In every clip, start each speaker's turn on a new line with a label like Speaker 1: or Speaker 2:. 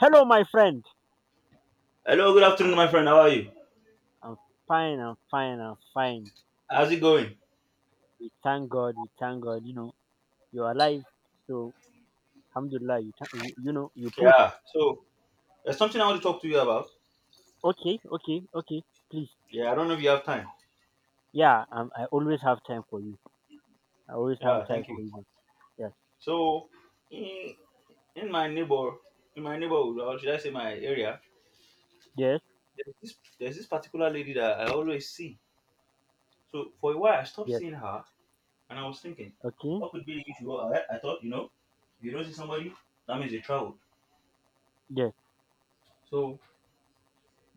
Speaker 1: Hello, my friend.
Speaker 2: Hello, good afternoon, my friend. How are you?
Speaker 1: I'm fine, I'm fine, I'm fine.
Speaker 2: How's it going?
Speaker 1: We thank God, you're alive. So, alhamdulillah, thank you, you push.
Speaker 2: Yeah. So there's something I want to talk to you about.
Speaker 1: Okay, okay, okay, please.
Speaker 2: Yeah, I don't know if you have time.
Speaker 1: Yeah, I always have time for you. I always have
Speaker 2: Yeah,
Speaker 1: time
Speaker 2: thank
Speaker 1: for
Speaker 2: you.
Speaker 1: you, man. Yes,
Speaker 2: So in, in my in my neighborhood, or should I say my area,
Speaker 1: yes,
Speaker 2: there's this particular lady that I always see. So for a while, I stopped
Speaker 1: yes,
Speaker 2: seeing her, and I was thinking,
Speaker 1: okay,
Speaker 2: what could be the issue? Well, I thought, you know, if you don't see somebody, that means they traveled.
Speaker 1: yes,
Speaker 2: So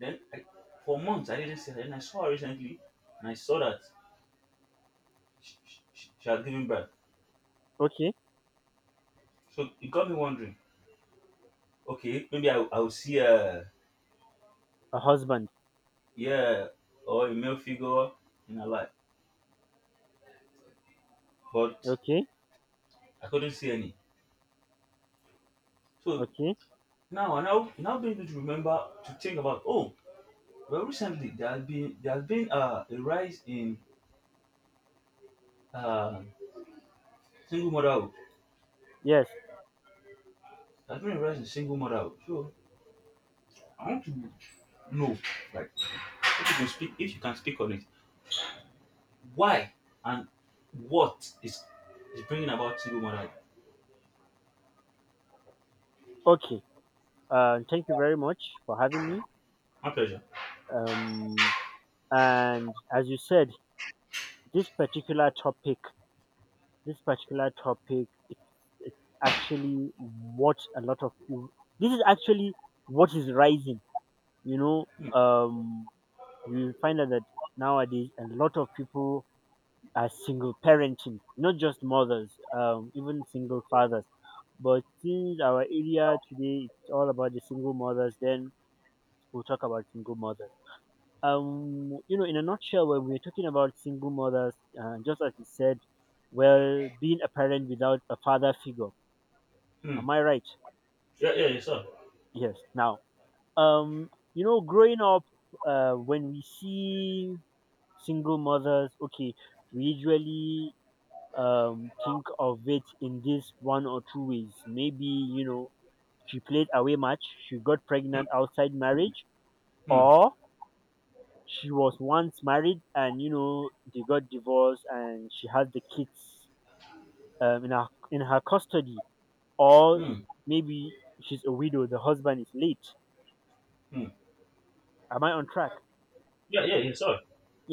Speaker 2: then, I, for months, I didn't see her. Then I saw her recently, and I saw that she had given birth.
Speaker 1: okay.
Speaker 2: So it got me wondering. Okay, maybe I'll see a
Speaker 1: A husband,
Speaker 2: yeah or a male figure in her life, but
Speaker 1: okay,
Speaker 2: I couldn't see any. So
Speaker 1: okay,
Speaker 2: now I now now being able to remember to think about oh well recently there has been a rise in uh, single motherhood.
Speaker 1: yes,
Speaker 2: There's been a rise in single motherhood. So I want to know like if you can speak on it why and what is bringing about single motherhood.
Speaker 1: okay. Thank you very much for having me.
Speaker 2: My pleasure.
Speaker 1: Um, and as you said, this particular topic this particular topic, it's actually what a lot of you this is actually what is rising, you know,
Speaker 2: Hmm.
Speaker 1: um you find out that nowadays a lot of people are single parenting, not just mothers, even single fathers. But since our area today, it's all about the single mothers, then we'll talk about single mothers. You know, in a nutshell, when we're talking about single mothers, just as you said, well, being a parent without a father figure.
Speaker 2: Hmm.
Speaker 1: Am I right?
Speaker 2: Yeah, yeah, yes, sir.
Speaker 1: Yes. Now, you know, growing up, when we see single mothers, okay, we usually think of it in this one or two ways. Maybe, you know, she played away much, she got pregnant outside marriage,
Speaker 2: Hmm.
Speaker 1: or she was once married and, you know, they got divorced and she has the kids in her custody. Or
Speaker 2: Hmm.
Speaker 1: maybe she's a widow, the husband is late.
Speaker 2: Hmm.
Speaker 1: Am I on track?
Speaker 2: Yeah, yeah, yes, sir.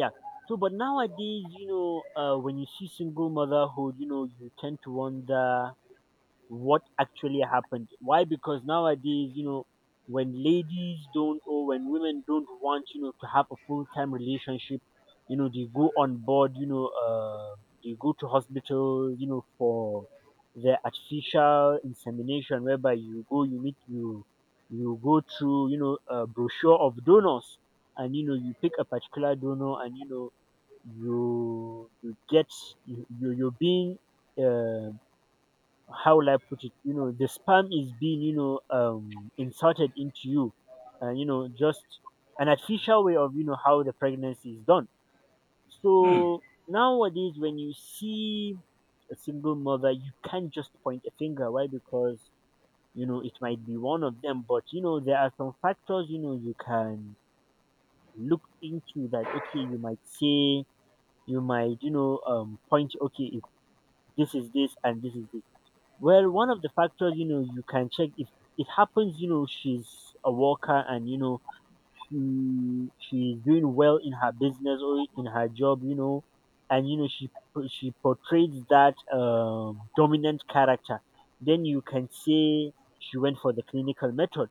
Speaker 1: Yeah. So, but nowadays, you know, when you see single motherhood, you know, you tend to wonder what actually happened. Why? Because nowadays, you know, when ladies don't, or when women don't want, you know, to have a full time relationship, you know, they go on board, you know, they go to hospital, you know, for the artificial insemination, whereby you go, you meet, you go through, you know, a brochure of donors, and, you know, you pick a particular donor, and, you know, you you get you're being, uh, how will I put it? You know, the spam is being, you know, inserted into you, and, you know, just an artificial way of, you know, how the pregnancy is done.
Speaker 2: Hmm.
Speaker 1: So nowadays, when you see a single mother, you can't just point a finger. Why? Because, you know, it might be one of them, but, you know, there are some factors. You know, you can look into that. Okay, you might say, you might, you know, point. Okay, if this is this and this is this, well, one of the factors, you know, you can check if it happens, you know, she's a worker and, you know, she's doing well in her business or in her job, you know, and, you know, she portrays that dominant character. Then you can say she went for the clinical method,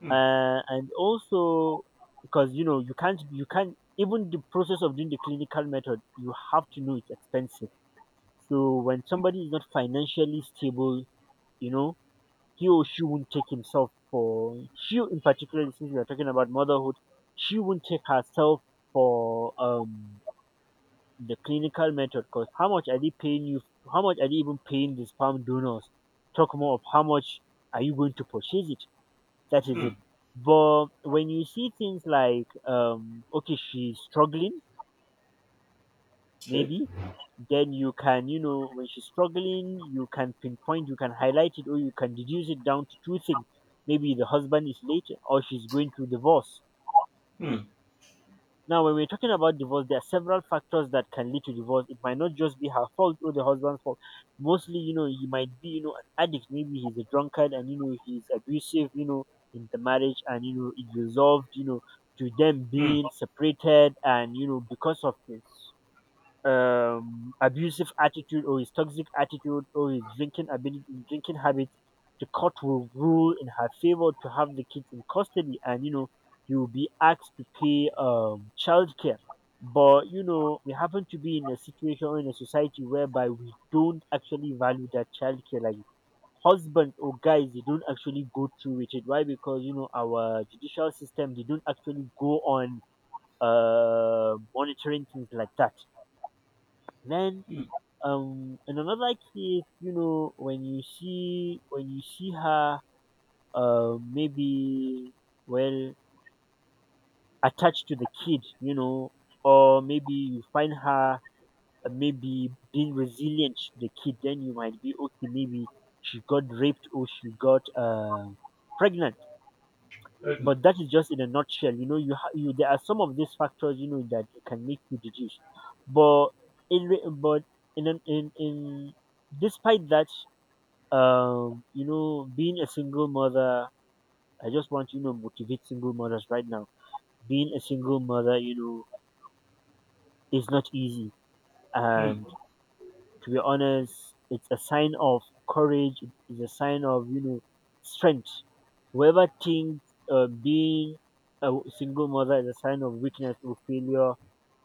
Speaker 2: Hmm.
Speaker 1: and also, because, you know, you can't even, the process of doing the clinical method, you have to know, it's expensive. So when somebody is not financially stable, you know, he or she won't take himself, for she in particular, since we are talking about motherhood, she won't take herself for the clinical method, because how much are they paying you? How much are they even paying the sperm donors? Talk more of how much are you going to purchase it? That is
Speaker 2: Hmm.
Speaker 1: it. But when you see things like, okay, she's struggling,
Speaker 2: Okay.
Speaker 1: maybe, then you can, you know, when she's struggling, you can pinpoint, you can highlight it, or you can reduce it down to two things: maybe the husband is late, or she's going through divorce.
Speaker 2: Hmm.
Speaker 1: Now, when we're talking about divorce, there are several factors that can lead to divorce. It might not just be her fault or the husband's fault. Mostly, you know, he might be, you know, an addict, maybe he's a drunkard and, you know, he's abusive, you know, in the marriage, and, you know, it resolved, you know, to them
Speaker 2: Hmm.
Speaker 1: being separated, and, you know, because of abusive attitude or his toxic attitude or his drinking ability, drinking habits, the court will rule in her favor to have the kids in custody, and, you know, he will be asked to pay childcare. But, you know, we happen to be in a situation, or in a society whereby we don't actually value that childcare. Like, husbands or guys, they don't actually go through with it. Why? Because, you know, our judicial system, they don't actually go on monitoring things like that. Then.
Speaker 2: Hmm.
Speaker 1: In another case, you know, when you see her, maybe, well, attached to the kid, you know, or maybe you find her, maybe being resilient to the kid, then you might be okay. Maybe she got raped, or she got pregnant.
Speaker 2: Right now.
Speaker 1: But that is just in a nutshell. You know, you, there are some of these factors, you know, that can make you deduce. But in re- but in an- in despite that, you know, being a single mother, I just want to, you know, motivate single mothers right now. Being a single mother, you know, is not easy. And
Speaker 2: Hmm.
Speaker 1: to be honest, it's a sign of courage, it is a sign of, you know, strength. Whoever thinks, being single mother is a sign of weakness or failure,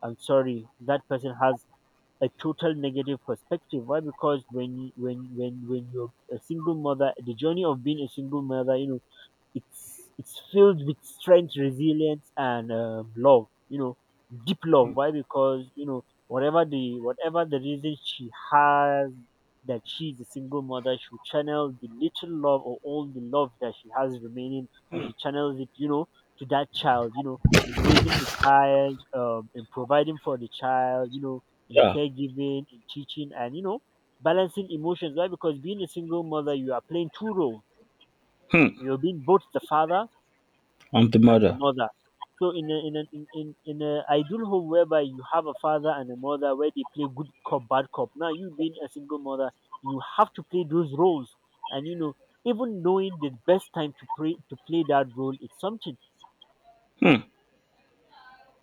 Speaker 1: I'm sorry, that person has a total negative perspective. Why? Because when you're a single mother, the journey of being a single mother, you know, it's filled with strength, resilience, and love. You know, deep love.
Speaker 2: Hmm.
Speaker 1: Why? Because, you know, whatever the reason she has that she's a single mother, she will channel the little love or all the love that she has remaining, and
Speaker 2: Hmm.
Speaker 1: she channels it. You know, to that child. You know, in raising the child, in providing for the child. You know, in
Speaker 2: Yeah.
Speaker 1: caregiving, in teaching, and, you know, balancing emotions. Why? Because being a single mother, you are playing two roles.
Speaker 2: Hmm.
Speaker 1: You're being both the father
Speaker 2: I'm the
Speaker 1: and the
Speaker 2: mother.
Speaker 1: mother. So in a ideal home whereby you have a father and a mother where they play good cop bad cop. Now you being a single mother, you have to play those roles, and, you know, even knowing the best time to play that role is something.
Speaker 2: Hmm.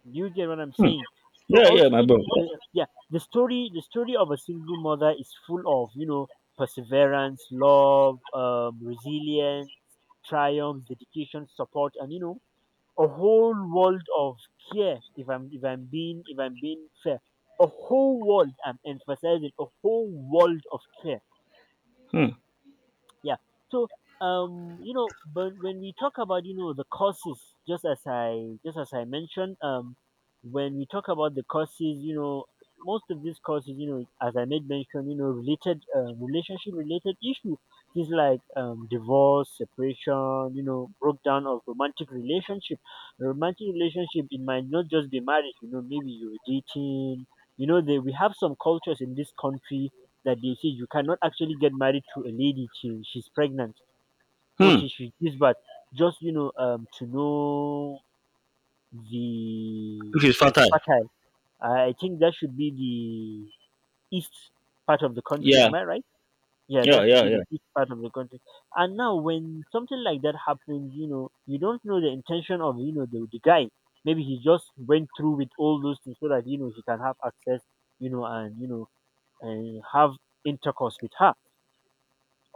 Speaker 1: Do you get what I'm
Speaker 2: Hmm.
Speaker 1: saying? So
Speaker 2: Yeah, yeah, my bro.
Speaker 1: ultimately, yeah, the story of a single mother is full of, you know, perseverance, love, resilience, triumphs, dedication, support, and, you know, a whole world of care, if I'm being fair, a whole world, I'm emphasizing, a whole world of care.
Speaker 2: Hmm.
Speaker 1: Yeah. So, you know, but when we talk about, you know, the courses, just as I mentioned, when we talk about the courses, you know, most of these courses, you know, as I made mention, you know, related, relationship related issue, things like divorce, separation, you know, breakdown of romantic relationship. A romantic relationship, it might not just be marriage, you know, maybe you're dating, you know, we have some cultures in this country that they say you cannot actually get married to a lady till she's pregnant, or
Speaker 2: Hmm.
Speaker 1: till she gives birth, just, you know, to know the she's fertile. I think that should be the east part of the country.
Speaker 2: Yeah.
Speaker 1: Am I right? Yeah, that should be the east part of the country. And now, when something like that happens, you know, you don't know the intention of, you know, the guy. Maybe he just went through with all those things so that, you know, he can have access, you know, and, you know, and have intercourse with her,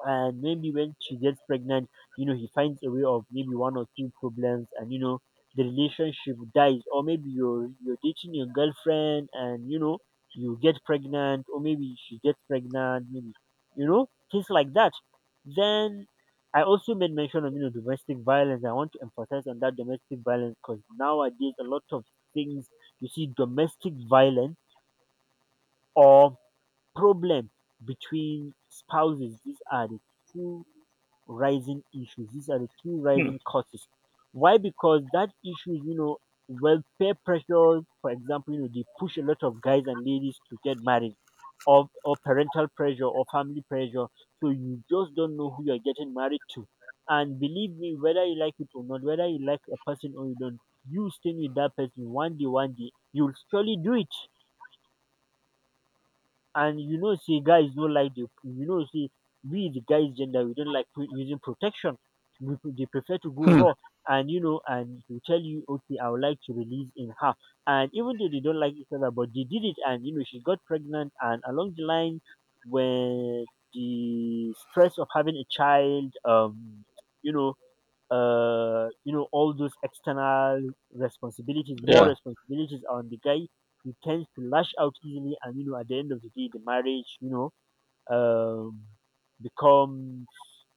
Speaker 1: and maybe when she gets pregnant, you know, he finds a way of maybe one or two problems and, you know, the relationship dies. Or maybe you're dating your girlfriend and, you know, you get pregnant, or maybe she gets pregnant, maybe, you know, things like that. Then I also made mention of, you know, domestic violence. I want to emphasize on that domestic violence because nowadays a lot of things, you see domestic violence, or problem between spouses. These are the two rising issues. These are the two
Speaker 2: Hmm.
Speaker 1: rising causes. Why? Because that issue, you know, well, peer pressure, for example, you know, they push a lot of guys and ladies to get married, or parental pressure or family pressure. So you just don't know who you're getting married to. And believe me, whether you like it or not, whether you like a person or you don't, you staying with that person one day, you'll surely do it. And you know say guys don't like the you know say we the guys gender, we don't like using protection. We they prefer to go raw, and you know, and to tell you, okay, I would like to release in her. And even though they don't like each other, but they did it, and you know she got pregnant, and along the line, when the stress of having a child, you know all those external responsibilities, more
Speaker 2: Yeah,
Speaker 1: responsibilities on the guy. He tends to lash out easily, and you know, at the end of the day, the marriage, you know, um, becomes,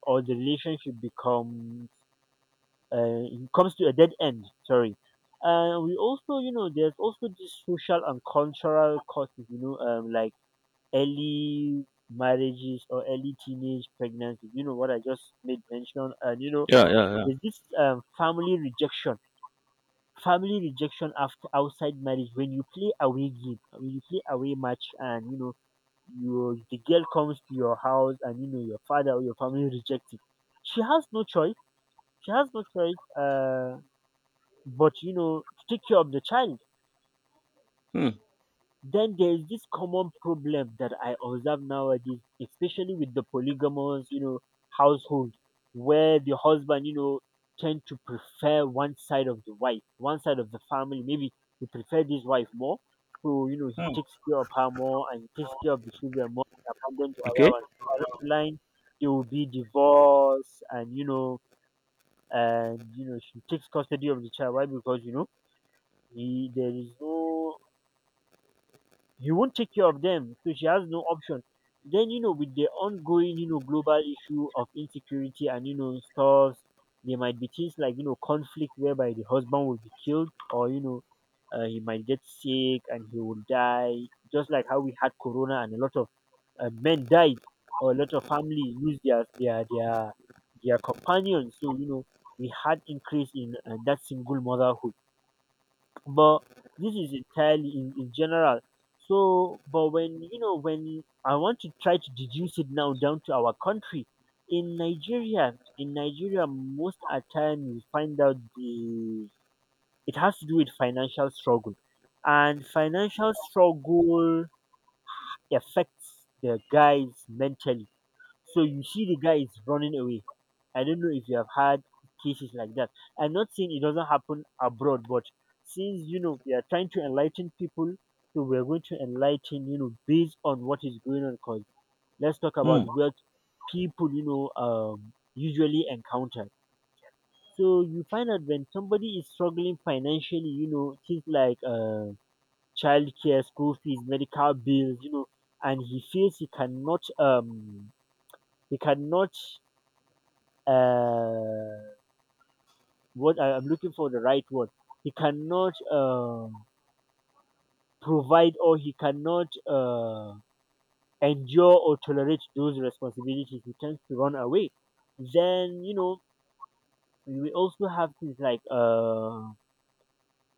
Speaker 1: or the relationship becomes, it comes to a dead end. Sorry. And we also, you know, there's also these social and cultural causes, you know, like early marriages or early teenage pregnancies. You know what I just made mention, and you know
Speaker 2: yeah, yeah, yeah.
Speaker 1: there's this family rejection after outside marriage. When you play away game, when you play away match, and you know your the girl comes to your house, and you know your father or your family rejects it. She has no choice. She has no choice. But you know, to take care of the child.
Speaker 2: Hmm.
Speaker 1: Then there is this common problem that I observe nowadays, especially with the polygamous, you know, household, where the husband, you know, tend to prefer one side of the wife, one side of the family. Maybe he prefer this wife more, so you know he
Speaker 2: Hmm.
Speaker 1: takes care of her more and he takes care of the children more and abandon the other
Speaker 2: Okay.
Speaker 1: one. So along the line, there will be divorce, and you know she takes custody of the child. Why? Because you know he there is no, you won't take care of them. So she has no option. Then, you know, with the ongoing, you know, global issue of insecurity and, you know, stores, there might be things like, you know, conflict whereby the husband will be killed or, you know, he might get sick and he will die, just like how we had Corona and a lot of men died, or a lot of family lose their companions. So, you know, we had increase in that single motherhood, but this is entirely in general. So, but when you know, when I want to try to deduce it now down to our country, in Nigeria, most at time you find out the it has to do with financial struggle, and financial struggle affects the guys mentally. So you see the guy is running away. I don't know if you have had cases like that. I'm not saying it doesn't happen abroad, but since you know we are trying to enlighten people, so we're going to enlighten you know based on what is going on. Cause let's talk about
Speaker 2: Hmm.
Speaker 1: what people you know usually encounter. So you find out when somebody is struggling financially, you know things like childcare, school fees, medical bills, you know, and he feels he cannot he cannot uh, what I'm looking for the right word. He cannot provide, or he cannot endure or tolerate those responsibilities. He tends to run away. Then you know we also have things like uh,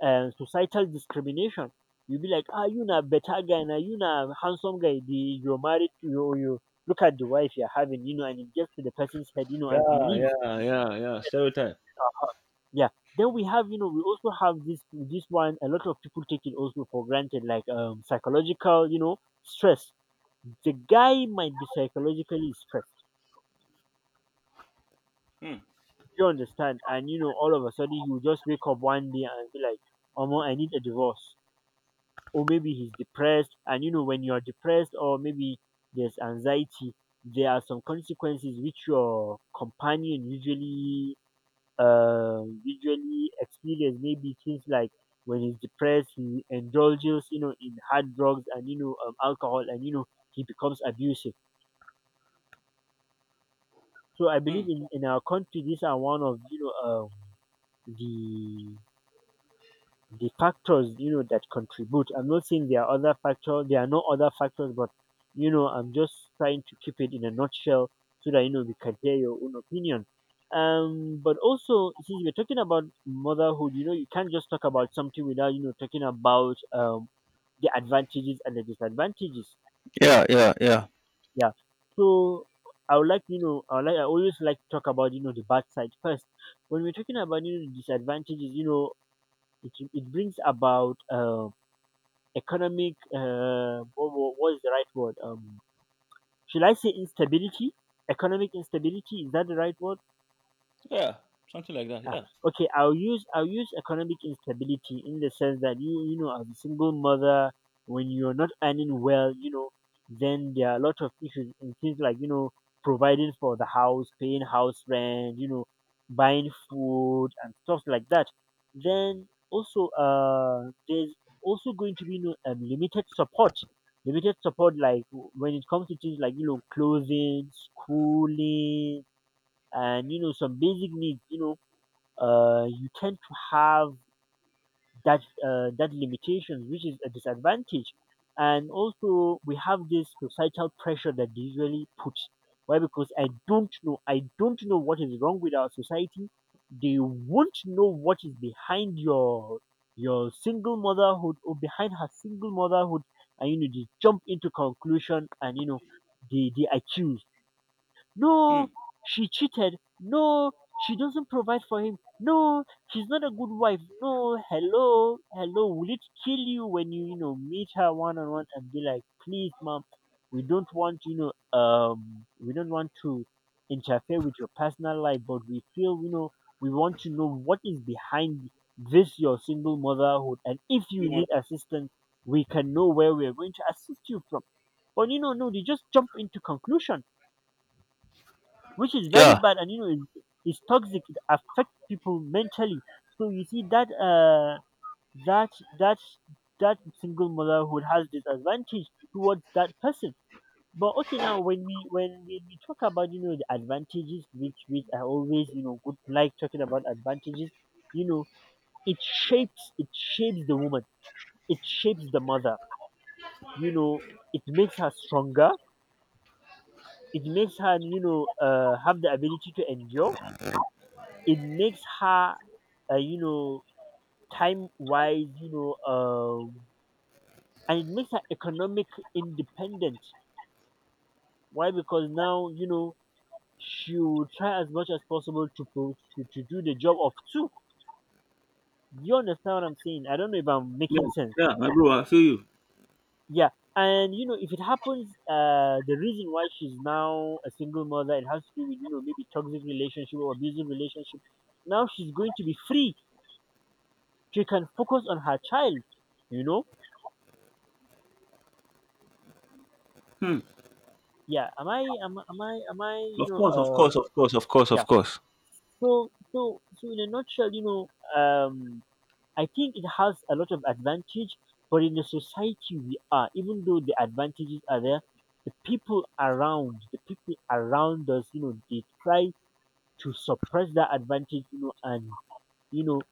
Speaker 1: uh, societal discrimination. You'll be like, ah, you na better guy, na you na handsome guy. The, you're married, you look at the wife you're having, you know, and it gets to the person's head, you know, and he
Speaker 2: Yeah,
Speaker 1: leaves.
Speaker 2: yeah, yeah, yeah. Stereotype.
Speaker 1: Uh-huh. Yeah. Then we have, you know, we also have this one. A lot of people take it also for granted, like psychological, you know, stress. The guy might be psychologically stressed.
Speaker 2: Hmm.
Speaker 1: You understand? And you know, all of a sudden you just wake up one day and be like, "Omo, I need a divorce." Or maybe he's depressed, and you know, when you are depressed, or maybe there's anxiety, there are some consequences which your companion usually visually experience, maybe things like when he's depressed, he indulges, you know, in hard drugs and you know alcohol, and you know he becomes abusive. So I
Speaker 2: Hmm.
Speaker 1: believe in our country, these are one of you know the the factors you know that contribute. I'm not saying there are other factors, there are no other factors, but you know, I'm just trying to keep it in a nutshell so that you know we can hear your own opinion. But also, since we're talking about motherhood, you know, you can't just talk about something without you know talking about the advantages and the disadvantages.
Speaker 2: Yeah, yeah, yeah,
Speaker 1: Yeah. So I would like you know I would like I always like to talk about you know the bad side first. When we're talking about you know disadvantages, you know it brings about economic what, what is the right word? Should I say instability? Economic instability, is that the right word?
Speaker 2: yeah. Something like that.
Speaker 1: Ah,
Speaker 2: Yeah.
Speaker 1: okay. I'll use economic instability in the sense that you know as a single mother, when you're not earning well, you know, then there are a lot of issues in things like you know providing for the house, paying house rent, you know, buying food and stuff like that. Then also there's also going to be you know limited support like when it comes to things like you know clothing, schooling, and you know some basic needs. You know you tend to have that limitations, which is a disadvantage. And also, we have this societal pressure that they usually put. Why? Because I don't know. I don't know what is wrong with our society. They won't know what is behind your single motherhood, or behind her single motherhood, and you know they jump into conclusion and you know they accuse. No,
Speaker 2: Hmm.
Speaker 1: she cheated. No, she doesn't provide for him. No, she's not a good wife. No, hello, hello. Will it kill you when you know, meet her one on one and be like, please, mom, we don't want, you know, we don't want to interfere with your personal life, but we feel, you know, we want to know what is behind this your single motherhood, and if you
Speaker 2: You
Speaker 1: need
Speaker 2: want?
Speaker 1: assistance, we can know where we are going to assist you from. But you know, no, they just jump into conclusion, which is very
Speaker 2: Yeah,
Speaker 1: bad, and you know it, it's toxic, it affects people mentally. So you see that that that that single motherhood has disadvantage towards that person. But okay, now when we talk about you know the advantages, which I always you know would like talking about advantages, you know it shapes the woman, it shapes the mother, you know, it makes her stronger, it makes her you know have the ability to endure, it makes her you know, time wise, you know, and it makes her economic independent. Why? Because now, you know, she will try as much as possible to, to do the job of two. You understand what I'm saying? I don't know if I'm making
Speaker 2: yeah,
Speaker 1: sense.
Speaker 2: yeah. My bro, I feel you.
Speaker 1: Yeah, and you know, if it happens, the reason why she's now a single mother, it has to do with you know maybe toxic relationship or abusive relationship. Now she's going to be free. She can focus on her child. You know?
Speaker 2: Hmm.
Speaker 1: Yeah. Am I? I? Am I? Am I? You
Speaker 2: Of
Speaker 1: know?
Speaker 2: course, of course, of course, of course, of
Speaker 1: Yeah.
Speaker 2: course.
Speaker 1: So in a nutshell, you know, um, I think it has a lot of advantage, but in the society we are, even though the advantages are there, the people around us, you know, they try to suppress that advantage, you know, and you know,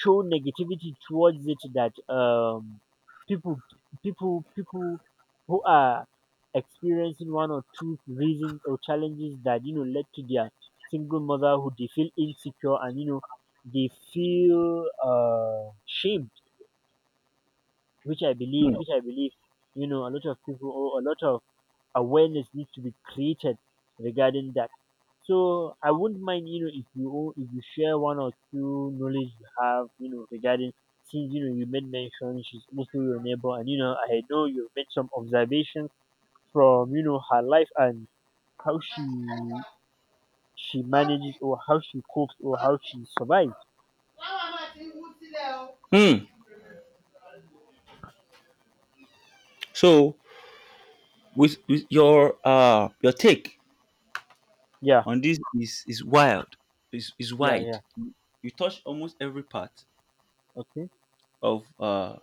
Speaker 1: show negativity towards it that people people who are experiencing one or two reasons or challenges that you know led to their single motherhood, they feel insecure, and you know they feel shamed,
Speaker 2: Mm.
Speaker 1: which I believe you know a lot of people or a lot of awareness needs to be created regarding that. So I wouldn't mind, you know, if if you share one or two knowledge you have, you know, regarding since you know you made mention she's also your neighbor, and you know I know you made some observations from you know her life and how she manages, or how she copes, or how she survives.
Speaker 2: Mm. So with, with your take
Speaker 1: Yeah,
Speaker 2: on this is wild, is
Speaker 1: yeah,
Speaker 2: wide.
Speaker 1: yeah.
Speaker 2: You touch almost every part
Speaker 1: Okay.
Speaker 2: of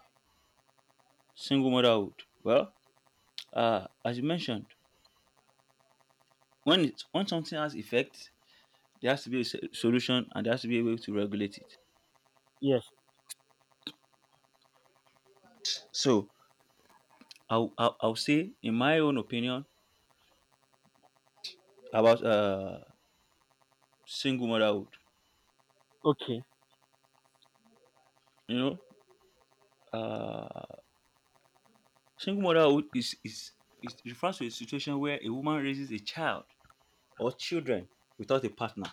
Speaker 2: single motherhood. Well, as you mentioned, when it when something has effect, there has to be a so- solution and there has to be a way to regulate it.
Speaker 1: Yes.
Speaker 2: So I'll say in my own opinion about single motherhood.
Speaker 1: Okay.
Speaker 2: You know, uh single motherhood is refers to a situation where a woman raises a child or children without a partner.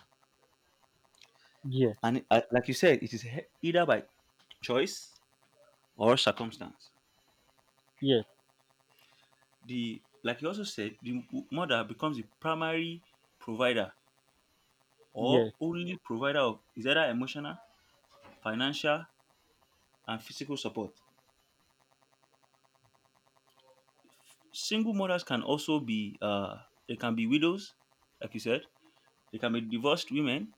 Speaker 1: Yes.
Speaker 2: And like you said, it is he- either by choice or circumstance.
Speaker 1: Yes.
Speaker 2: The like you also said, the m- mother becomes the primary provider or
Speaker 1: Yes.
Speaker 2: only provider of is either emotional, financial, and physical support. Single mothers can also be they can be widows, like you said. They can be divorced women.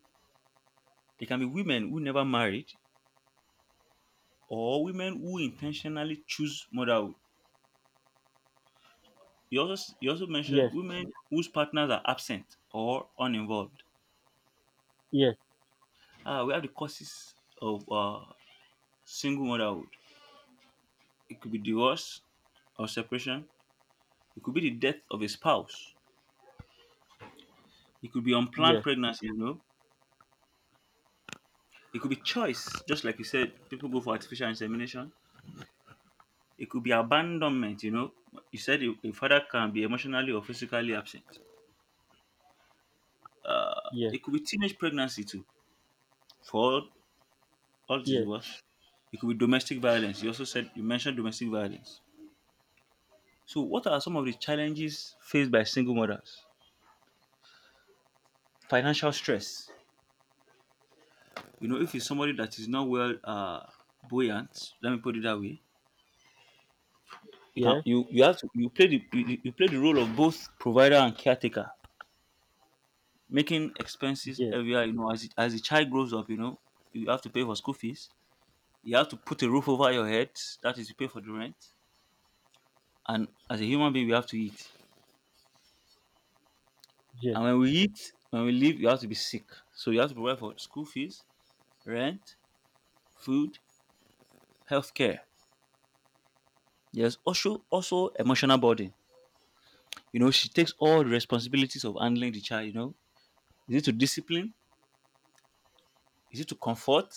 Speaker 2: They can be women who never married or women who intentionally choose motherhood. You also mentioned
Speaker 1: Yes.
Speaker 2: women whose partners are absent or uninvolved. Ah, we have the causes of single motherhood. It could be divorce or separation. It could be the death of a spouse. It could be unplanned
Speaker 1: Yes.
Speaker 2: pregnancy. You know, it could be choice. Just like you said, people go for artificial insemination. It could be abandonment. You know, you said a father can be emotionally or physically absent. Uh,
Speaker 1: Yes.
Speaker 2: it
Speaker 1: Yes.
Speaker 2: could be teenage pregnancy too. For All it is
Speaker 1: Yes.
Speaker 2: well. It could be domestic violence. You also said you mentioned domestic violence. So what are some of the challenges faced by single mothers? Financial stress. You know, if it's somebody that is not well buoyant, let me put it that way. You can
Speaker 1: Yes.
Speaker 2: you you have to you play the you play the role of both provider and caretaker, making expenses
Speaker 1: Yes.
Speaker 2: heavier. You know, as it, as the child grows up, you know you have to pay for school fees. You have to put a roof over your head. That is, you pay for the rent. And as a human being, we have to eat.
Speaker 1: Yes.
Speaker 2: And when we eat, when we leave, you have to be sick. So you have to provide for school fees, rent, food, healthcare. There's also emotional burden. You know, she takes all the responsibilities of handling the child, you know. Is it to discipline? Is it to comfort?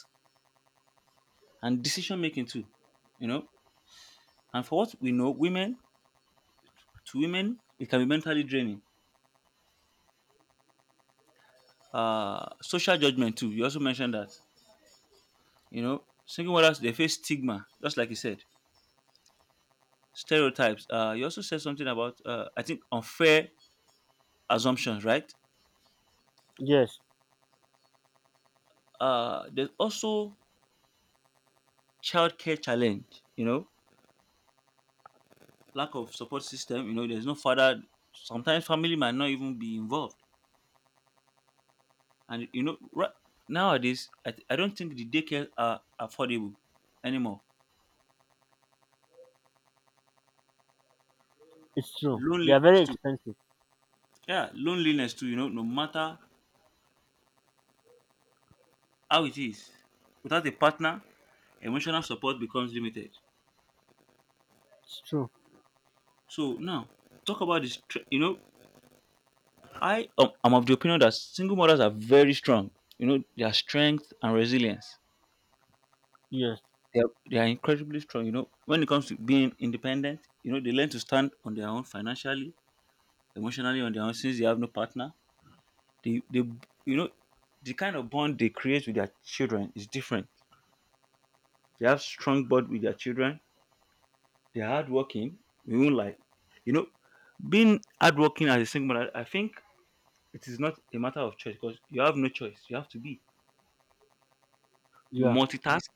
Speaker 2: And decision making too. You know? And for what we know, women to women, it can be mentally draining. Social judgment too. You also mentioned that. You know, single mothers they face stigma, just like you said. Stereotypes. You also said something about I think unfair assumptions, right?
Speaker 1: Yes.
Speaker 2: There's also childcare challenge. You know, lack of support system. You know, there's no father. Sometimes family might not even be involved, and you know, right nowadays, I don't think the daycare are affordable anymore.
Speaker 1: It's true. They're
Speaker 2: Loneliness
Speaker 1: very
Speaker 2: too.
Speaker 1: expensive.
Speaker 2: Yeah, loneliness too. You know, no matter how it is, without a partner, emotional support becomes limited.
Speaker 1: It's true.
Speaker 2: So now, talk about this. You know, I'm of the opinion that single mothers are very strong. You know, their strength and resilience.
Speaker 1: Yes.
Speaker 2: They are incredibly strong. You know, when it comes to being independent, you know, they learn to stand on their own financially, emotionally on their own since they have no partner. They you know, the kind of bond they create with their children is different. They have strong bond with their children. They're hardworking. We won't like, you know, being hardworking as a single mother. I think it is not a matter of choice because you have no choice. You have to be. You
Speaker 1: Yeah.
Speaker 2: multitask.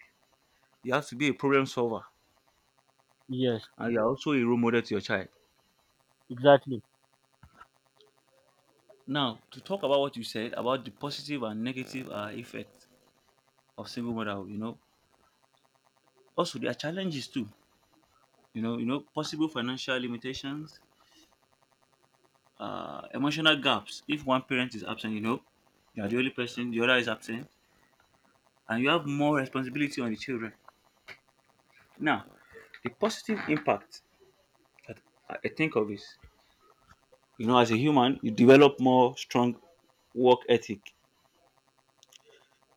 Speaker 2: You have to be a problem solver,
Speaker 1: Yes.
Speaker 2: and you're also a role model to your child.
Speaker 1: Exactly.
Speaker 2: Now, to talk about what you said about the positive and negative effect of single mother, you know, also there are challenges too. You know, possible financial limitations, emotional gaps. If one parent is absent, you know, you are the only person, the other is absent, and you have more responsibility on the children. Now, the positive impact that I think of is, you know, as a human, you develop more strong work ethic.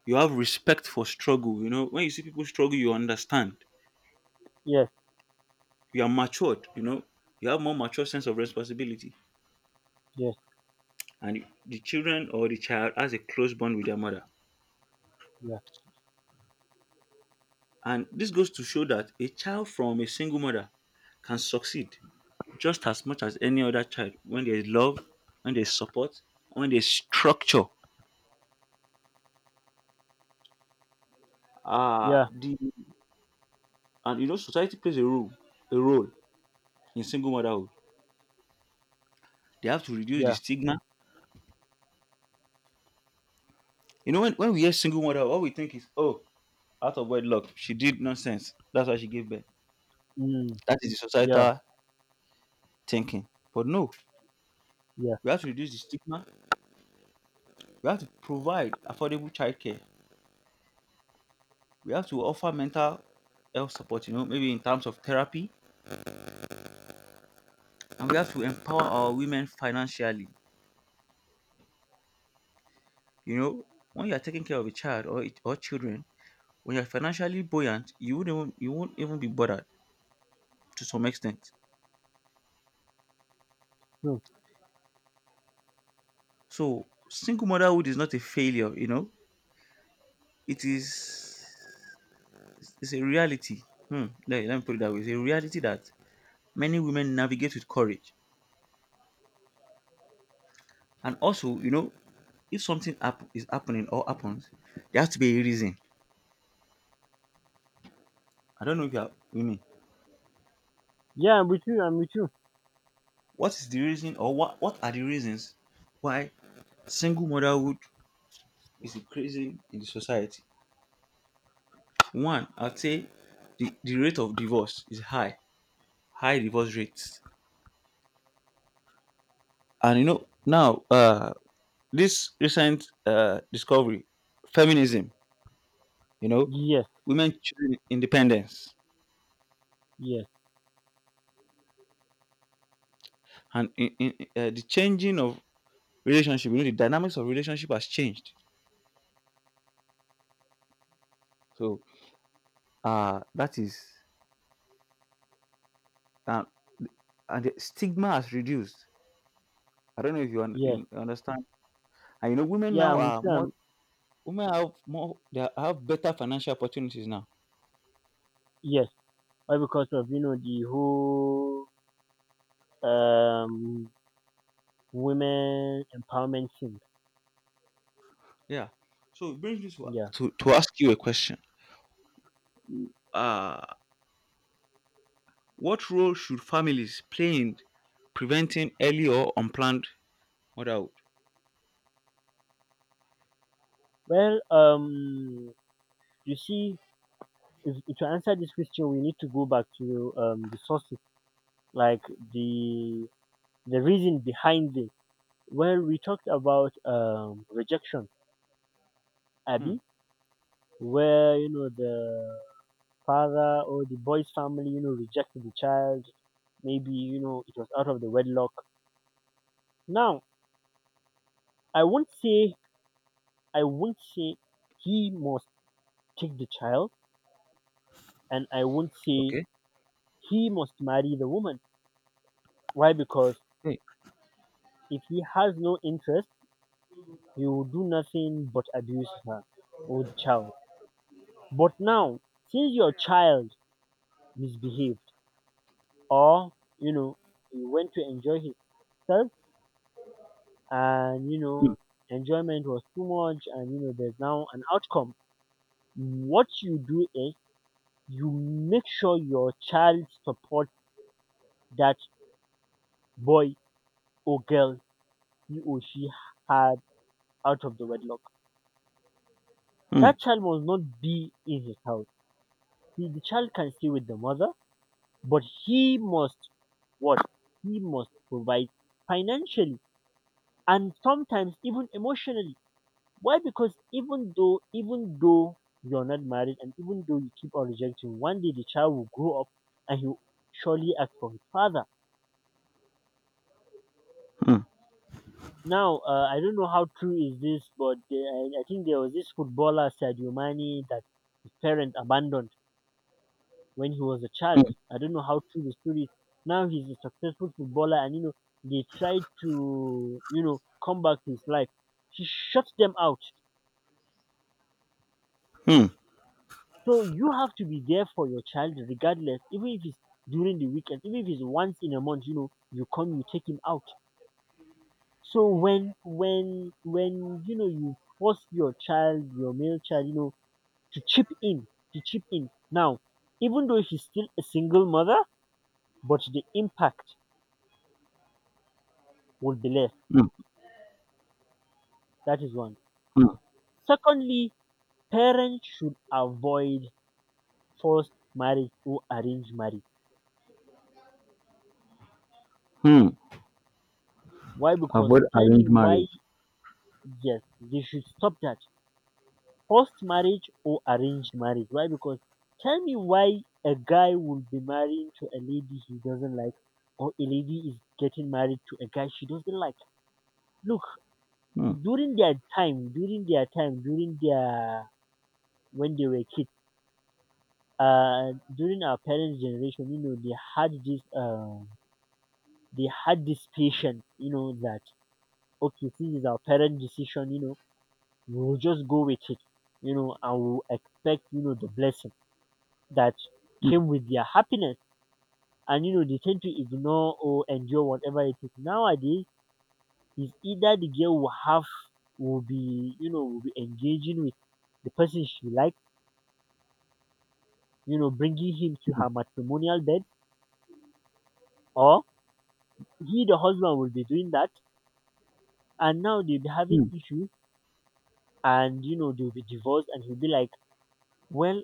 Speaker 2: You have respect for struggle. You know, when you see people struggle you understand.
Speaker 1: Yes.
Speaker 2: You are matured. You know, you have more mature sense of responsibility,
Speaker 1: Yes.
Speaker 2: and the children or the child has a close bond with their mother,
Speaker 1: Yeah.
Speaker 2: and this goes to show that a child from a single mother can succeed just as much as any other child when there is love, when there is support, when there is structure. Uh
Speaker 1: Yeah.
Speaker 2: the, and you know society plays a role in single motherhood. They have to reduce the
Speaker 1: Yeah.
Speaker 2: stigma. You know, when we hear single mother all we think is oh out of wedlock, she did nonsense. That's why she gave birth.
Speaker 1: Mm.
Speaker 2: That is the
Speaker 1: Yeah.
Speaker 2: societal thinking. But no,
Speaker 1: Yeah.
Speaker 2: we have to reduce the stigma. We have to provide affordable childcare. We have to offer mental health support, you know, maybe in terms of therapy. And we have to empower our women financially. You know, when you are taking care of a child or, it- or children, when you're financially buoyant, you wouldn't even- you won't even be bothered to some extent.
Speaker 1: True.
Speaker 2: So single motherhood is not a failure, you know. It is It's a reality. Hmm. Let me put it that way. It's a reality that many women navigate with courage. And also, you know, if something hap- is happening or happens, there has to be a reason. I don't know if you are with me.
Speaker 1: Yeah, I'm with you. I'm with you.
Speaker 2: What is the reason or what are the reasons why single motherhood is increasing in the society? One, I'd say the rate of divorce is high, high divorce rates. And you know, now, this recent discovery, feminism, you know,
Speaker 1: Yes.
Speaker 2: women choosing independence
Speaker 1: Yes.
Speaker 2: and the changing of relationship. You know, the dynamics of relationship has changed, so that is uh, and the stigma has reduced. I don't know if you, un-
Speaker 1: Yes.
Speaker 2: in- understand, and you know women
Speaker 1: Yeah,
Speaker 2: now
Speaker 1: I'm with
Speaker 2: are
Speaker 1: you.
Speaker 2: more.
Speaker 1: I'm,
Speaker 2: Women have more. They have better financial opportunities now.
Speaker 1: yes. Why? Because of you know the whole um women empowerment thing.
Speaker 2: Yeah, so it brings me to,
Speaker 1: Yeah.
Speaker 2: to ask you a question uh what role should families play in preventing early or unplanned motherhood.
Speaker 1: Well, um, you see, if, to answer this question, we need to go back to the sources, like the the reason behind it. Well, we talked about rejection,
Speaker 2: Hmm.
Speaker 1: Abby, where you know the father or the boy's family, you know, rejected the child. Maybe you know it was out of the wedlock. Now, I won't say I won't say he must take the child, and I won't say
Speaker 2: Okay.
Speaker 1: he must marry the woman. Why? Because
Speaker 2: Hey.
Speaker 1: if he has no interest, he will do nothing but abuse her or the child. But now, since your child misbehaves or you know he went to enjoy himself, and you
Speaker 2: Hmm.
Speaker 1: know enjoyment was too much and you know there's now an outcome, what you do is you make sure your child supports that boy or girl, he or she, had out of the wedlock.
Speaker 2: Hmm.
Speaker 1: That child must not be in his house. He, the child, can stay with the mother, but he must what? He must provide financially and sometimes even emotionally. Why? Because even though you're not married and even though you keep on rejecting, one day the child will grow up and he'll surely ask for his father.
Speaker 2: Hmm.
Speaker 1: Now, I don't know how true is this, but the, I think there was this footballer Sadio Mane that his parent abandoned when he was a
Speaker 2: Hmm.
Speaker 1: child. I don't know how true the story is. Now he's a successful footballer, and you know they tried to you know come back to his life. He shut them out.
Speaker 2: Hmm.
Speaker 1: So you have to be there for your child regardless, even if it's during the weekend, even if it's once in a month, you know, you come, you take him out. So when you know you force your child, your male child, you know, to chip in, to chip in. Now, even though she's still a single mother, but the impact will be less.
Speaker 2: Mm,
Speaker 1: That is one.
Speaker 2: mm,
Speaker 1: Secondly, parents should avoid forced marriage or arranged marriage.
Speaker 2: mm.
Speaker 1: Why? Because
Speaker 2: Avoid
Speaker 1: tell me
Speaker 2: arranged
Speaker 1: why,
Speaker 2: marriage.
Speaker 1: yes, they should stop that forced marriage or arranged marriage. Why? Because tell me why a guy will be marrying to a lady he doesn't like, or a lady is getting married to a guy she doesn't like. Look,
Speaker 2: Mm,
Speaker 1: during their when they were kids, during our parents' generation, you know, they had this patience, you know, that okay, this is our parent decision, you know, we'll just go with it, you know, and we'll expect, you know, the blessing that
Speaker 2: mm,
Speaker 1: came with their happiness. And you know they tend to ignore or endure whatever it is. Nowadays, it's either the girl will have will be you know will be engaging with the person she likes, you know, bringing him to
Speaker 2: mm,
Speaker 1: her matrimonial bed, or he, the husband, will be doing that, and now they'll be having
Speaker 2: mm,
Speaker 1: issues, and you know they'll be divorced, and he'll be like, well,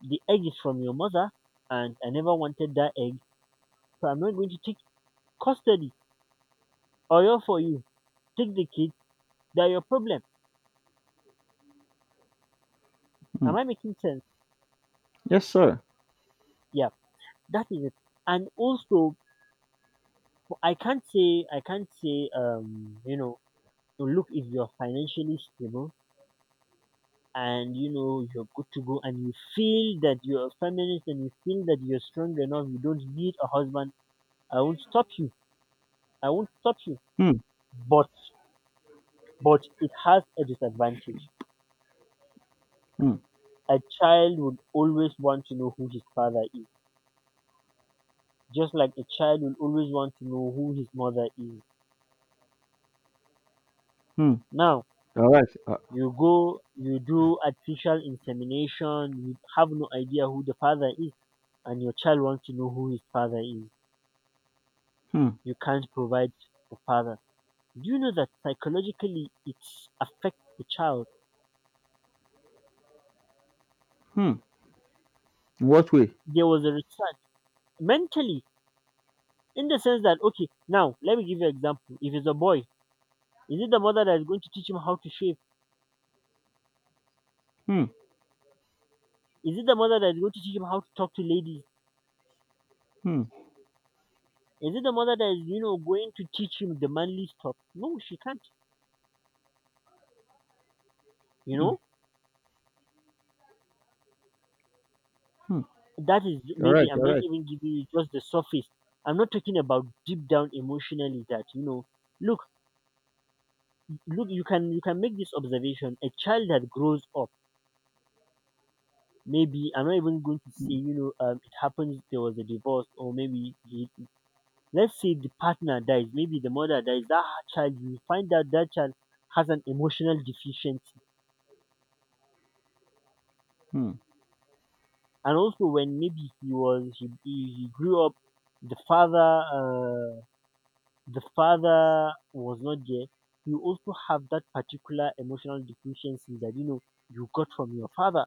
Speaker 1: the egg is from your mother, and I never wanted that egg, so I'm not going to take custody or you for you. Take the kid. They're your problem. Am
Speaker 2: mm.
Speaker 1: I making sense?
Speaker 2: Yes, sir.
Speaker 1: Yeah. That is it. And also, I can't say you know, look, if you're financially stable and you know you're good to go and you feel that you're a feminist and you feel that you're strong enough, you don't need a husband. I won't stop you. I won't stop you.
Speaker 2: Mm,
Speaker 1: But but it has a disadvantage.
Speaker 2: mm,
Speaker 1: A child would always want to know who his father is, just like a child will always want to know who his mother is.
Speaker 2: mm.
Speaker 1: Now
Speaker 2: All right.
Speaker 1: you do artificial insemination, you have no idea who the father is, and your child wants to know who his father is.
Speaker 2: Mm,
Speaker 1: You can't provide the father. Do you know that psychologically it affects the child?
Speaker 2: mm. In What way?
Speaker 1: There was a research, mentally, in the sense that okay, now let me give you an example. If it's a boy, is it the mother that is going to teach him how to shave?
Speaker 2: Mm,
Speaker 1: Is it the mother that is going to teach him how to talk to ladies?
Speaker 2: mm,
Speaker 1: Is it the mother that is, you know, going to teach him the manly stuff? No, she can't. You
Speaker 2: mm,
Speaker 1: know?
Speaker 2: mm.
Speaker 1: That is,
Speaker 2: All
Speaker 1: maybe
Speaker 2: right,
Speaker 1: I'm
Speaker 2: all
Speaker 1: just
Speaker 2: right.
Speaker 1: even giving you just the surface. I'm not talking about deep down emotionally that you know. Look, look, you can make this observation. A child that grows up, maybe I'm not even going to say you know it happens there was a divorce or maybe he, let's say the partner dies, maybe the mother dies. That child, you find out that child has an emotional deficiency,
Speaker 2: Mm.
Speaker 1: and also when maybe he was he grew up, the father. Uh, the father was not there, you also have that particular emotional deficiency that you know you got from your father.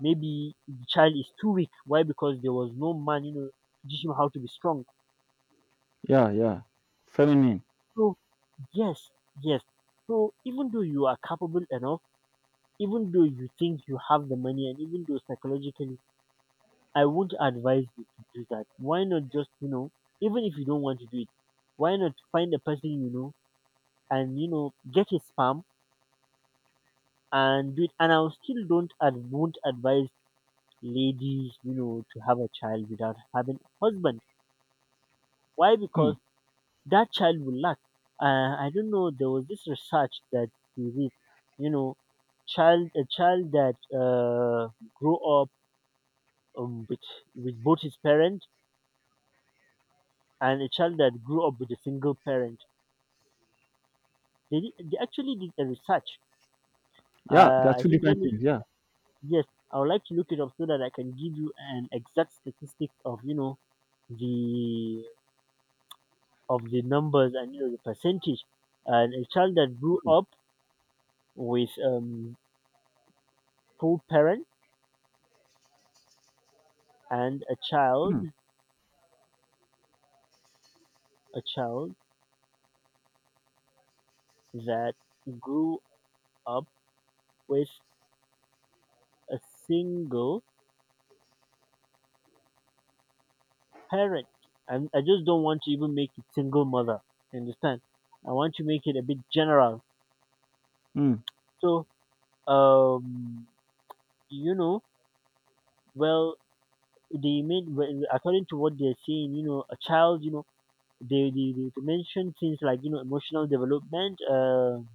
Speaker 1: Maybe the child is too weak. Why? Because there was no man, you know, to teach him how to be strong.
Speaker 2: Yeah, yeah. Feminine.
Speaker 1: So yes, yes. So even though you are capable enough, even though you think you have the money and even though psychologically I won't advise you to do that. Why not just, you know, even if you don't want to do it, why not find a person you know and you know get his sperm and do it. And I still don't and won't advise ladies, you know, to have a child without having a husband. Why?
Speaker 2: Mm.
Speaker 1: Because that child will lack. I don't know. There was this research that we read, you know, child a child that grew up um, with with both his parents and a child that grew up with a single parent. They actually did a research.
Speaker 2: Yeah, there are
Speaker 1: I
Speaker 2: two
Speaker 1: think let
Speaker 2: different
Speaker 1: me,
Speaker 2: things. Yeah.
Speaker 1: yes, I would like to look it up so that I can give you an exact statistic of you know the of the numbers and you know the percentage. And a child that grew up with full parent and a child
Speaker 2: Mm,
Speaker 1: a child that grew up with a single parent. And I just don't want to even make it single mother. You understand? I want to make it a bit general.
Speaker 2: mm,
Speaker 1: So um you know, well, they made when according to what they're saying you know a child you know they mention things like you know emotional development, um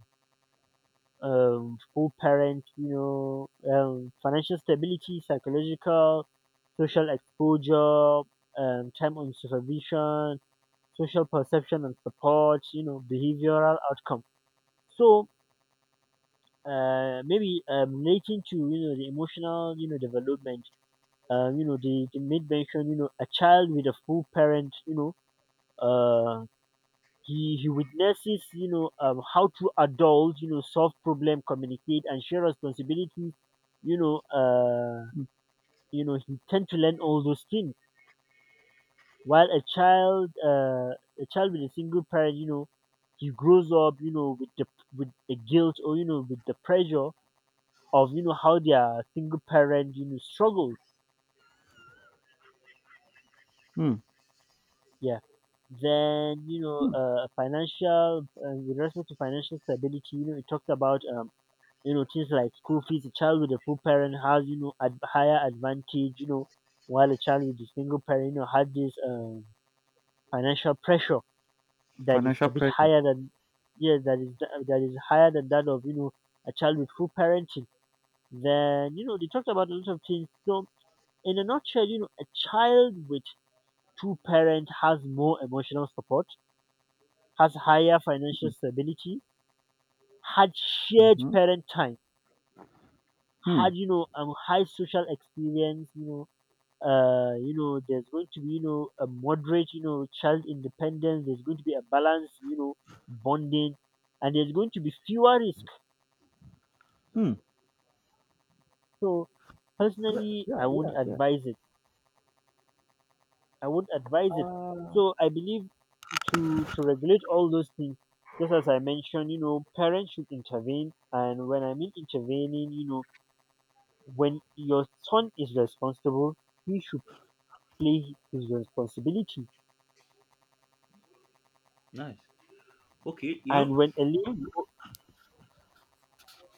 Speaker 1: um full parent, you know, financial stability, psychological, social exposure, time on supervision, social perception and support, you know, behavioral outcome. So maybe relating to you know the emotional you know development, you know they made mention, you know, a child with a full parent, you know, uh, he witnesses, you know, how to adult, you know, solve problem, communicate and share responsibilities, you know,
Speaker 2: mm,
Speaker 1: you know he tend to learn all those things, while a child with a single parent, you know, he grows up you know with the guilt or you know with the pressure of you know how their single parent you know struggles,
Speaker 2: mm,
Speaker 1: yeah. Then you know
Speaker 2: mm.
Speaker 1: financial with respect to financial stability, you know, it talked about you know, things like school fees. A child with a full parent has, you know, higher advantage, you know, while a child with a single parent, you know, has this financial pressure that is
Speaker 2: Financial
Speaker 1: a bit
Speaker 2: pressure.
Speaker 1: higher than, yeah, that is higher than that of, you know, a child with full parenting. Then, you know, they talked about a lot of things. So, in a nutshell, you know, a child with two parents has more emotional support, has higher financial
Speaker 2: Mm,
Speaker 1: stability, had shared
Speaker 2: mhm.
Speaker 1: parent time,
Speaker 2: Mm,
Speaker 1: had, you know, high social experience, you know, there's going to be, you know, a moderate, you know, child independence. There's going to be a balance, you know, bonding, and there's going to be fewer risk.
Speaker 2: mm.
Speaker 1: So, personally,
Speaker 2: Yeah,
Speaker 1: I won't
Speaker 2: yeah, yeah.
Speaker 1: advise it. I won't advise it. So, I believe to regulate all those things, just as I mentioned, you know, parents should intervene, and when I mean intervening, you know, when your son is responsible, he should play his responsibility.
Speaker 2: Nice. Okay, you know,
Speaker 1: And when a little,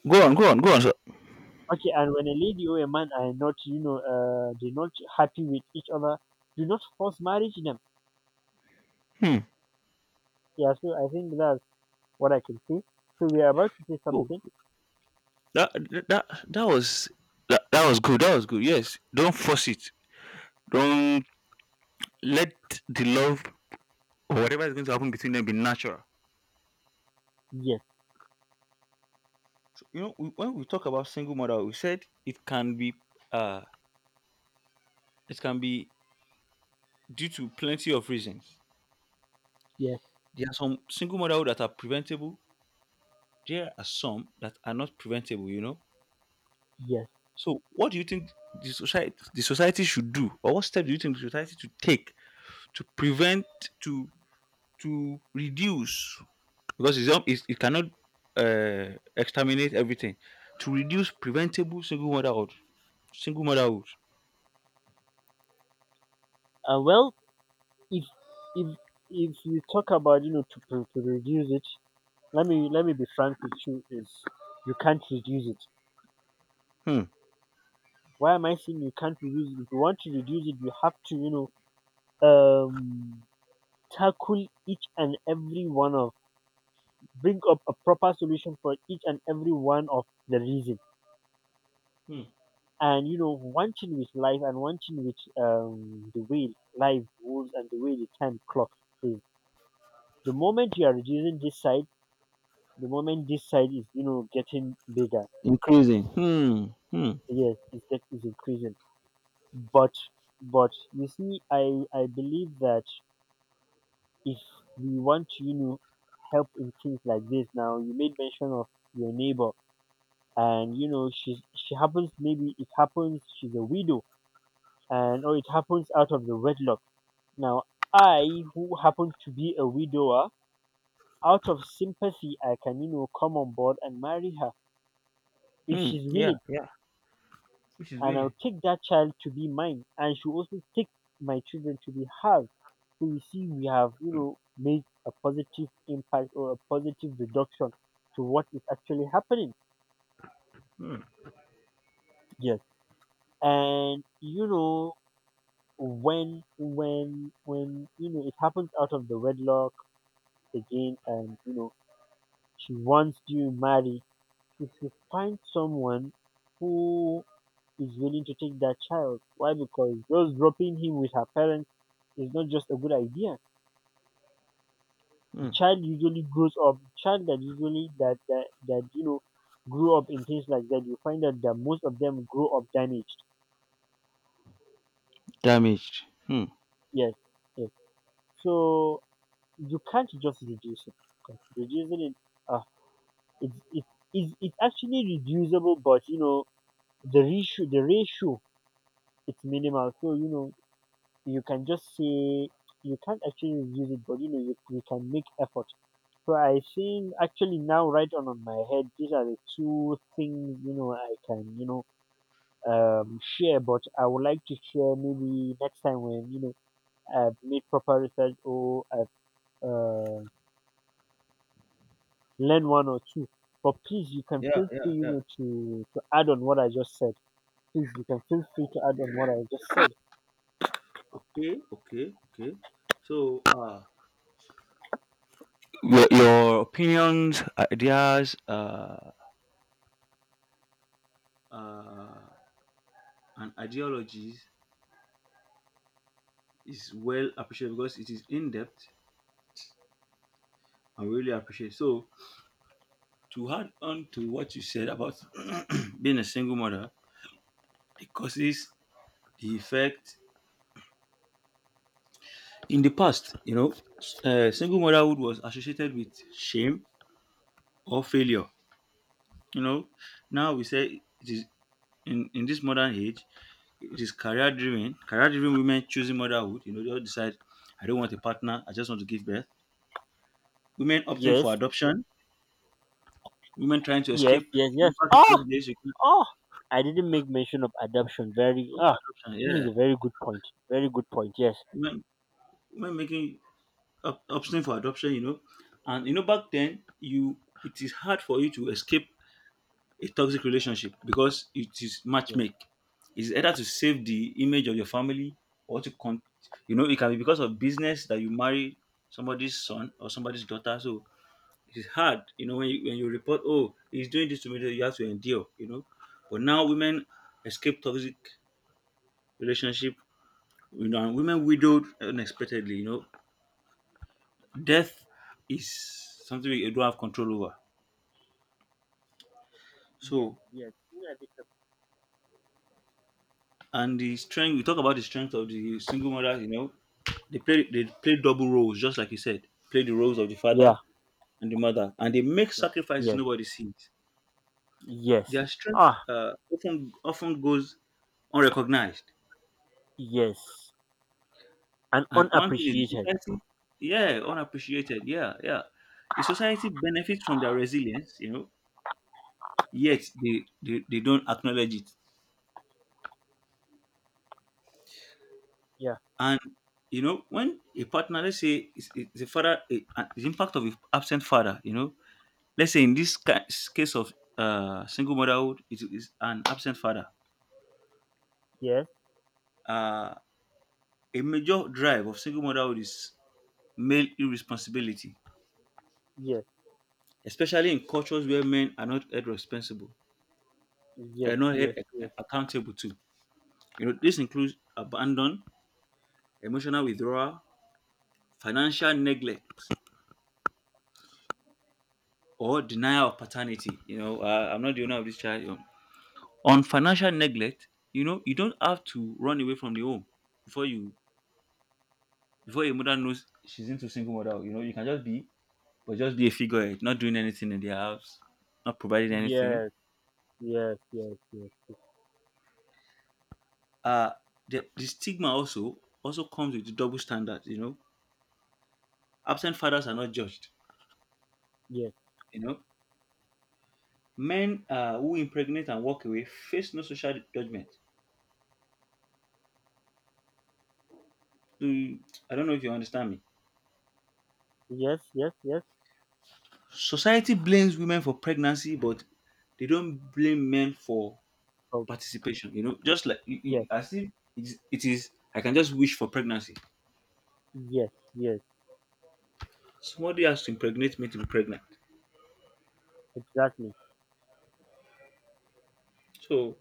Speaker 2: go on, go on, go on, sir.
Speaker 1: okay, and when a lady or a man are not, you know, they're not happy with each other, do not force marriage them. Yeah, so I think that's what I can say. So we are about to say
Speaker 2: Mm.
Speaker 1: something.
Speaker 2: That that that was that was good. That was good. Yes. Don't force it. Don't let the love or whatever is going to happen between them be natural.
Speaker 1: Yes,
Speaker 2: So, you know, we- when we talk about single mother, we said uh it can be due to plenty of reasons.
Speaker 1: yes,
Speaker 2: There are some single motherhood that are preventable. There are some that are not preventable, you know.
Speaker 1: yes.
Speaker 2: So, what do you think the society should do, or what steps do you think the society should take to prevent to to reduce, because it's, it cannot uh, exterminate everything, to reduce preventable single motherhood. Single motherhood.
Speaker 1: Well, if if if you talk about you know to, reduce it, let me be frank with you. Is you can't reduce it.
Speaker 2: Hmm.
Speaker 1: Why am I saying you can't reduce it? If you want to reduce it, you have to know um tackle each and every one of bring up a proper solution for each and every one of the reason.
Speaker 2: Hmm.
Speaker 1: And you know, one thing with life and one thing with the way life goes and the way the time clock is. The moment you are reducing this side, the moment this side is getting bigger.
Speaker 2: Increasing. Hmm. Hmm.
Speaker 1: Yes, it's get is increasing. But but you see, I believe that if we want to help in things like this. Now you made mention of your neighbor, and you know she happens, maybe it happens she's a widow, and or it happens out of the wedlock. Now I, who happen to be a widower, out of sympathy, I can come on board and marry her if
Speaker 2: Hmm.
Speaker 1: she's
Speaker 2: Yeah.
Speaker 1: willing.
Speaker 2: Yeah. Which is
Speaker 1: And I'll
Speaker 2: really
Speaker 1: take that child to be mine, and she'll also take my children to be hers. So you see, we have made a positive impact, or a positive reduction to what is actually happening. Yes. And you know, when it happens out of the wedlock again, and you know she wants you married, you should find someone who is willing to take that child. Why? Because just dropping him with her parents is not just a good idea. The
Speaker 2: hmm.
Speaker 1: child usually grows up, the child that usually that that, that you know grew up in things like that, you find out that most of them grow up damaged.
Speaker 2: Damaged. Hmm.
Speaker 1: Yes, yes. So you can't just reduce it, because reducing it, a It's it's it's actually reducible, but you know the ratio, it's minimal. So you know, you can just say you can't actually reduce it, but you know you can make effort. So I think actually, now right on my head, these are the two things I can share. But I would like to share maybe next time, when you know I've made proper research, or I've uh, learned one or two. But please, you can
Speaker 2: Yeah.
Speaker 1: feel free
Speaker 2: Yeah.
Speaker 1: you
Speaker 2: Yeah.
Speaker 1: know to to add on what I just said. Please, you can feel free to add on what I just said.
Speaker 2: Okay. Okay. Okay. So, your, opinions, ideas, uh, and ideologies is well appreciated because it is in depth. I really appreciate. So, to add on to what you said about being a single mother, the causes, the effect. In the past, you know, single motherhood was associated with shame or failure. You know, now we say it is in this modern age, it is career driven. Career driven women choosing motherhood. You know, they all decide, I don't want a partner, I just want to give birth. Women opting for
Speaker 1: Yes,
Speaker 2: adoption, women trying to
Speaker 1: yes,
Speaker 2: escape.
Speaker 1: yes,
Speaker 2: You
Speaker 1: yes.
Speaker 2: know, back in
Speaker 1: Oh,
Speaker 2: those days, you could
Speaker 1: oh, I didn't make mention of adoption. Very,
Speaker 2: go for adoption.
Speaker 1: this is
Speaker 2: Yeah.
Speaker 1: a very good point. Very good point. Yes,
Speaker 2: Women, women making option for adoption, you know. And you know, back then, you it is hard for you to escape a toxic relationship because it is
Speaker 1: yes,
Speaker 2: matchmake. It's either to save the image of your family or to con. You know, it can be because of business that you marry somebody's son or somebody's daughter. So it is hard, you know, when you report, oh, he's doing this to me, then you have to endure, you know. But now women escape toxic relationship, you know, and women widowed unexpectedly, you know, death is something we don't have control over.
Speaker 1: yes,
Speaker 2: So,
Speaker 1: yes. Yeah,
Speaker 2: and the strength, we talk about the strength of the single mother. You know, they play double roles, just like you said. Play the roles of the
Speaker 1: yeah,
Speaker 2: father and the mother, and they make sacrifices
Speaker 1: yes,
Speaker 2: nobody sees.
Speaker 1: yes.
Speaker 2: Their strength
Speaker 1: Ah,
Speaker 2: often goes unrecognized.
Speaker 1: yes. And
Speaker 2: And one thing is the
Speaker 1: unappreciated.
Speaker 2: society, yeah, unappreciated. Yeah, yeah. The society benefits from their resilience, you know, yet they don't acknowledge it.
Speaker 1: Yeah,
Speaker 2: And you know, when a partner, let's say, is the father, the impact of a absent father, you know, let's say in this case of single motherhood, it is an absent father.
Speaker 1: yes,
Speaker 2: Uh, a major drive of single motherhood is male irresponsibility,
Speaker 1: yes,
Speaker 2: especially in cultures where men are not held responsible,
Speaker 1: yes,
Speaker 2: are not held
Speaker 1: yes,
Speaker 2: accountable to. You know, this includes abandon, emotional withdrawal, financial neglect, or denial of paternity. You know, I'm not the owner of this child. On financial neglect, you know, you don't have to run away from the home before you before your mother knows she's into single mother. You know, you can just be, but just be a figurehead, not doing anything in the house, not providing anything.
Speaker 1: yes, yes, yes, yes,
Speaker 2: uh the stigma also comes with the double standard. You know, absent fathers are not judged,
Speaker 1: yes, yes,
Speaker 2: you know. Men who impregnate and walk away face no social judgment. Do- I don't know if you understand me.
Speaker 1: yes, yes, yes.
Speaker 2: Society blames women for pregnancy, but they don't blame men for
Speaker 1: Oh,
Speaker 2: participation. You know, just like
Speaker 1: yes,
Speaker 2: as if it is, I can just wish for pregnancy.
Speaker 1: yes, yes.
Speaker 2: Somebody has to impregnate me to be pregnant.
Speaker 1: Exactly.
Speaker 2: So,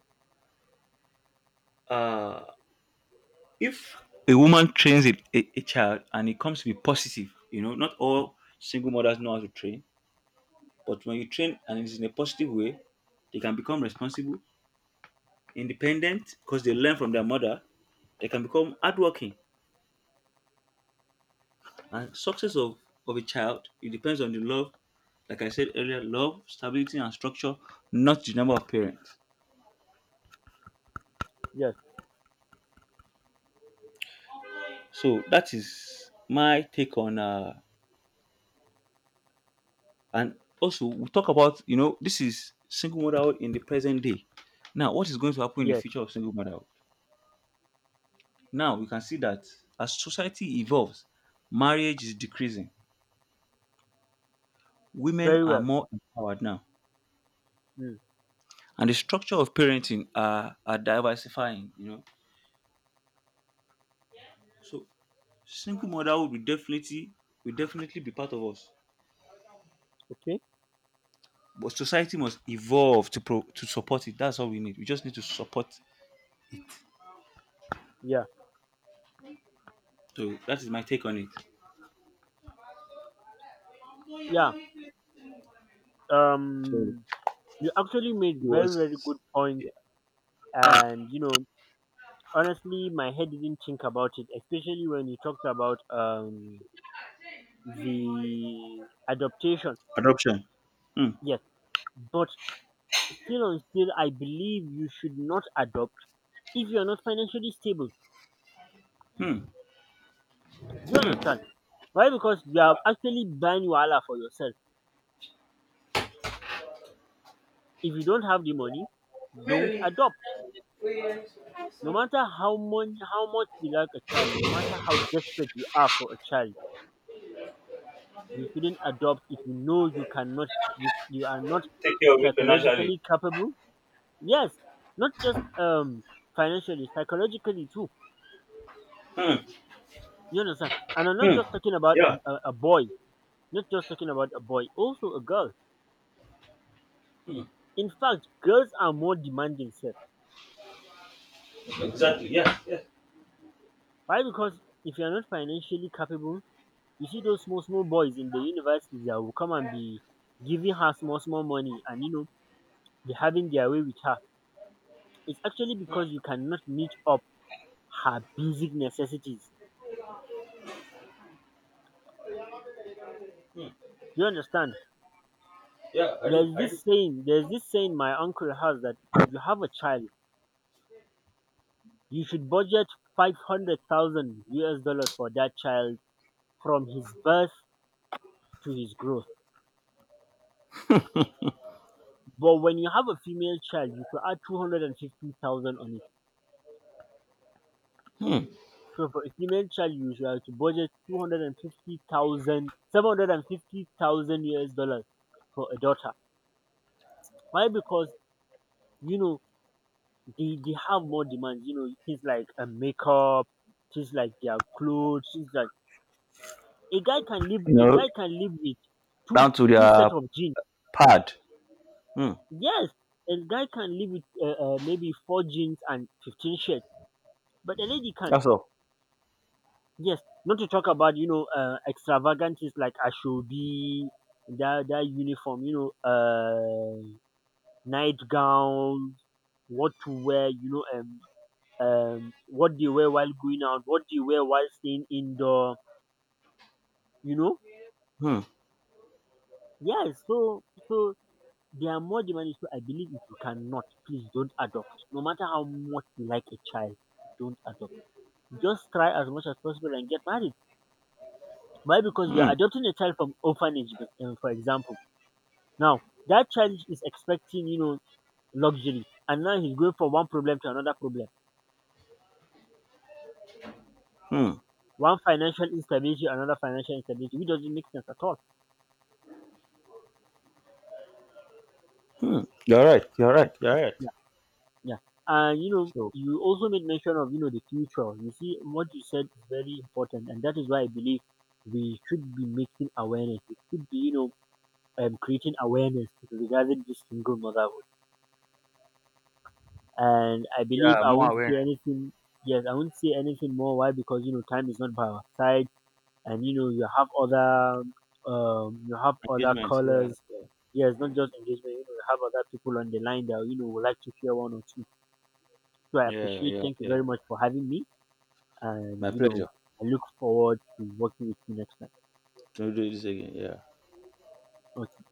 Speaker 2: uh, if a woman trains a child and it comes to be positive, you know, not all single mothers know how to train, but when you train and it's in a positive way, they can become responsible, independent, because they learn from their mother. They can become hardworking. And success of a child, it depends on the love, like I said earlier, love, stability, and structure, not the number of parents.
Speaker 1: Yes,
Speaker 2: So that is my take on and also we talk about, you know, this is single motherhood in the present day. Now, what is going to happen in the
Speaker 1: yes.
Speaker 2: future of single motherhood? Now we can see that as society evolves, marriage is decreasing. Women
Speaker 1: Very
Speaker 2: are
Speaker 1: well.
Speaker 2: more empowered now.
Speaker 1: Mm,
Speaker 2: And the structure of parenting are diversifying, you know. So single motherhood will definitely be part of us.
Speaker 1: okay.
Speaker 2: But society must evolve to to support it. That's all we need. We just need to support.
Speaker 1: Yeah.
Speaker 2: So that is my take on it.
Speaker 1: Yeah.
Speaker 2: So
Speaker 1: Um, you actually made
Speaker 2: it
Speaker 1: very, very
Speaker 2: was
Speaker 1: good points.
Speaker 2: yeah,
Speaker 1: And, you know, honestly, my head didn't think about it, especially when you talked about the adoption.
Speaker 2: adoption. Hmm.
Speaker 1: Yes. But still, I believe you should not adopt if you're not financially stable.
Speaker 2: Hmm.
Speaker 1: You understand?
Speaker 2: Hmm.
Speaker 1: Why? Because you are actually buying wala for yourself. If you don't have the money, don't adopt, no matter how much you like a child, no matter how desperate you are for a child. You shouldn't adopt if you know you cannot, you are not
Speaker 2: Take care of it financially.
Speaker 1: psychologically capable. Yes, not just financially, psychologically too.
Speaker 2: Hmm.
Speaker 1: You understand? And I'm not
Speaker 2: Hmm.
Speaker 1: just talking about a,
Speaker 2: Yeah.
Speaker 1: a, a boy, not just talking about a boy, also a girl.
Speaker 2: Hmm.
Speaker 1: In fact, girls are more demanding, Sir.
Speaker 2: Exactly. Yeah. Yeah.
Speaker 1: Why? Because if you're not financially capable, you see those small small boys in the universities that will come and be giving her small small money, and you know be having their way with her. It's actually because you cannot meet up her basic necessities.
Speaker 2: Hmm.
Speaker 1: Do you understand? There's
Speaker 2: I
Speaker 1: this
Speaker 2: do.
Speaker 1: saying, there's this saying my uncle has, that if you have a child, you should budget 500,000 US dollars for that child, from his birth to his growth. But when you have a female child, you should add 250,000 on it. So for a female child, you should have to budget 250,000, 750,000 US dollars for a daughter. Why? Because, you know, they have more demands. You know, things like a makeup, things like their clothes, things like
Speaker 2: You
Speaker 1: a
Speaker 2: know,
Speaker 1: guy can live with two
Speaker 2: down to
Speaker 1: two
Speaker 2: their
Speaker 1: set of jeans.
Speaker 2: pad. Hmm.
Speaker 1: Yes, a guy can live with maybe four jeans and 15 shirts, but a lady can't.
Speaker 2: That's all.
Speaker 1: Yes, not to talk about extravagant things like ashobi, that uniform, you know, nightgown, what to wear, you know, what they wear while going out, what they wear while staying indoor. You know?
Speaker 2: Hmm.
Speaker 1: Yes. So they are more demanding. So I believe if you cannot, please don't adopt. No matter how much you like a child, don't adopt. Just try as much as possible and get married. Why? Because you
Speaker 2: Hmm.
Speaker 1: are adopting a child from orphanage, for example. Now that child is expecting, you know, luxury, and now he's going from one problem to another problem.
Speaker 2: Hmm.
Speaker 1: One financial instability, another financial instability, which doesn't make sense at all.
Speaker 2: Hmm. You're right. You're right. You're right.
Speaker 1: Yeah. Yeah. And you know,
Speaker 2: So
Speaker 1: you also made mention of, you know, the future. You see, what you said is very important. And that is why I believe we should be making awareness. We should be, you know, creating awareness regarding this single motherhood. And I believe
Speaker 2: yeah,
Speaker 1: I
Speaker 2: more
Speaker 1: won't say
Speaker 2: awareness,
Speaker 1: anything. Yes, I won't say anything more. Why? Because, you know, time is not by our side. And, you know, you have other
Speaker 2: engagement. Yeah.
Speaker 1: colors. Yes, not just engagement. You know, you have other people on the line that, you know, would like to hear one or two. So I
Speaker 2: Yeah,
Speaker 1: appreciate.
Speaker 2: yeah,
Speaker 1: Thank you
Speaker 2: yeah.
Speaker 1: very much for having me. And
Speaker 2: My
Speaker 1: you know,
Speaker 2: pleasure
Speaker 1: I look forward to working with you next time.
Speaker 2: to do this again. Yeah.
Speaker 1: Okay.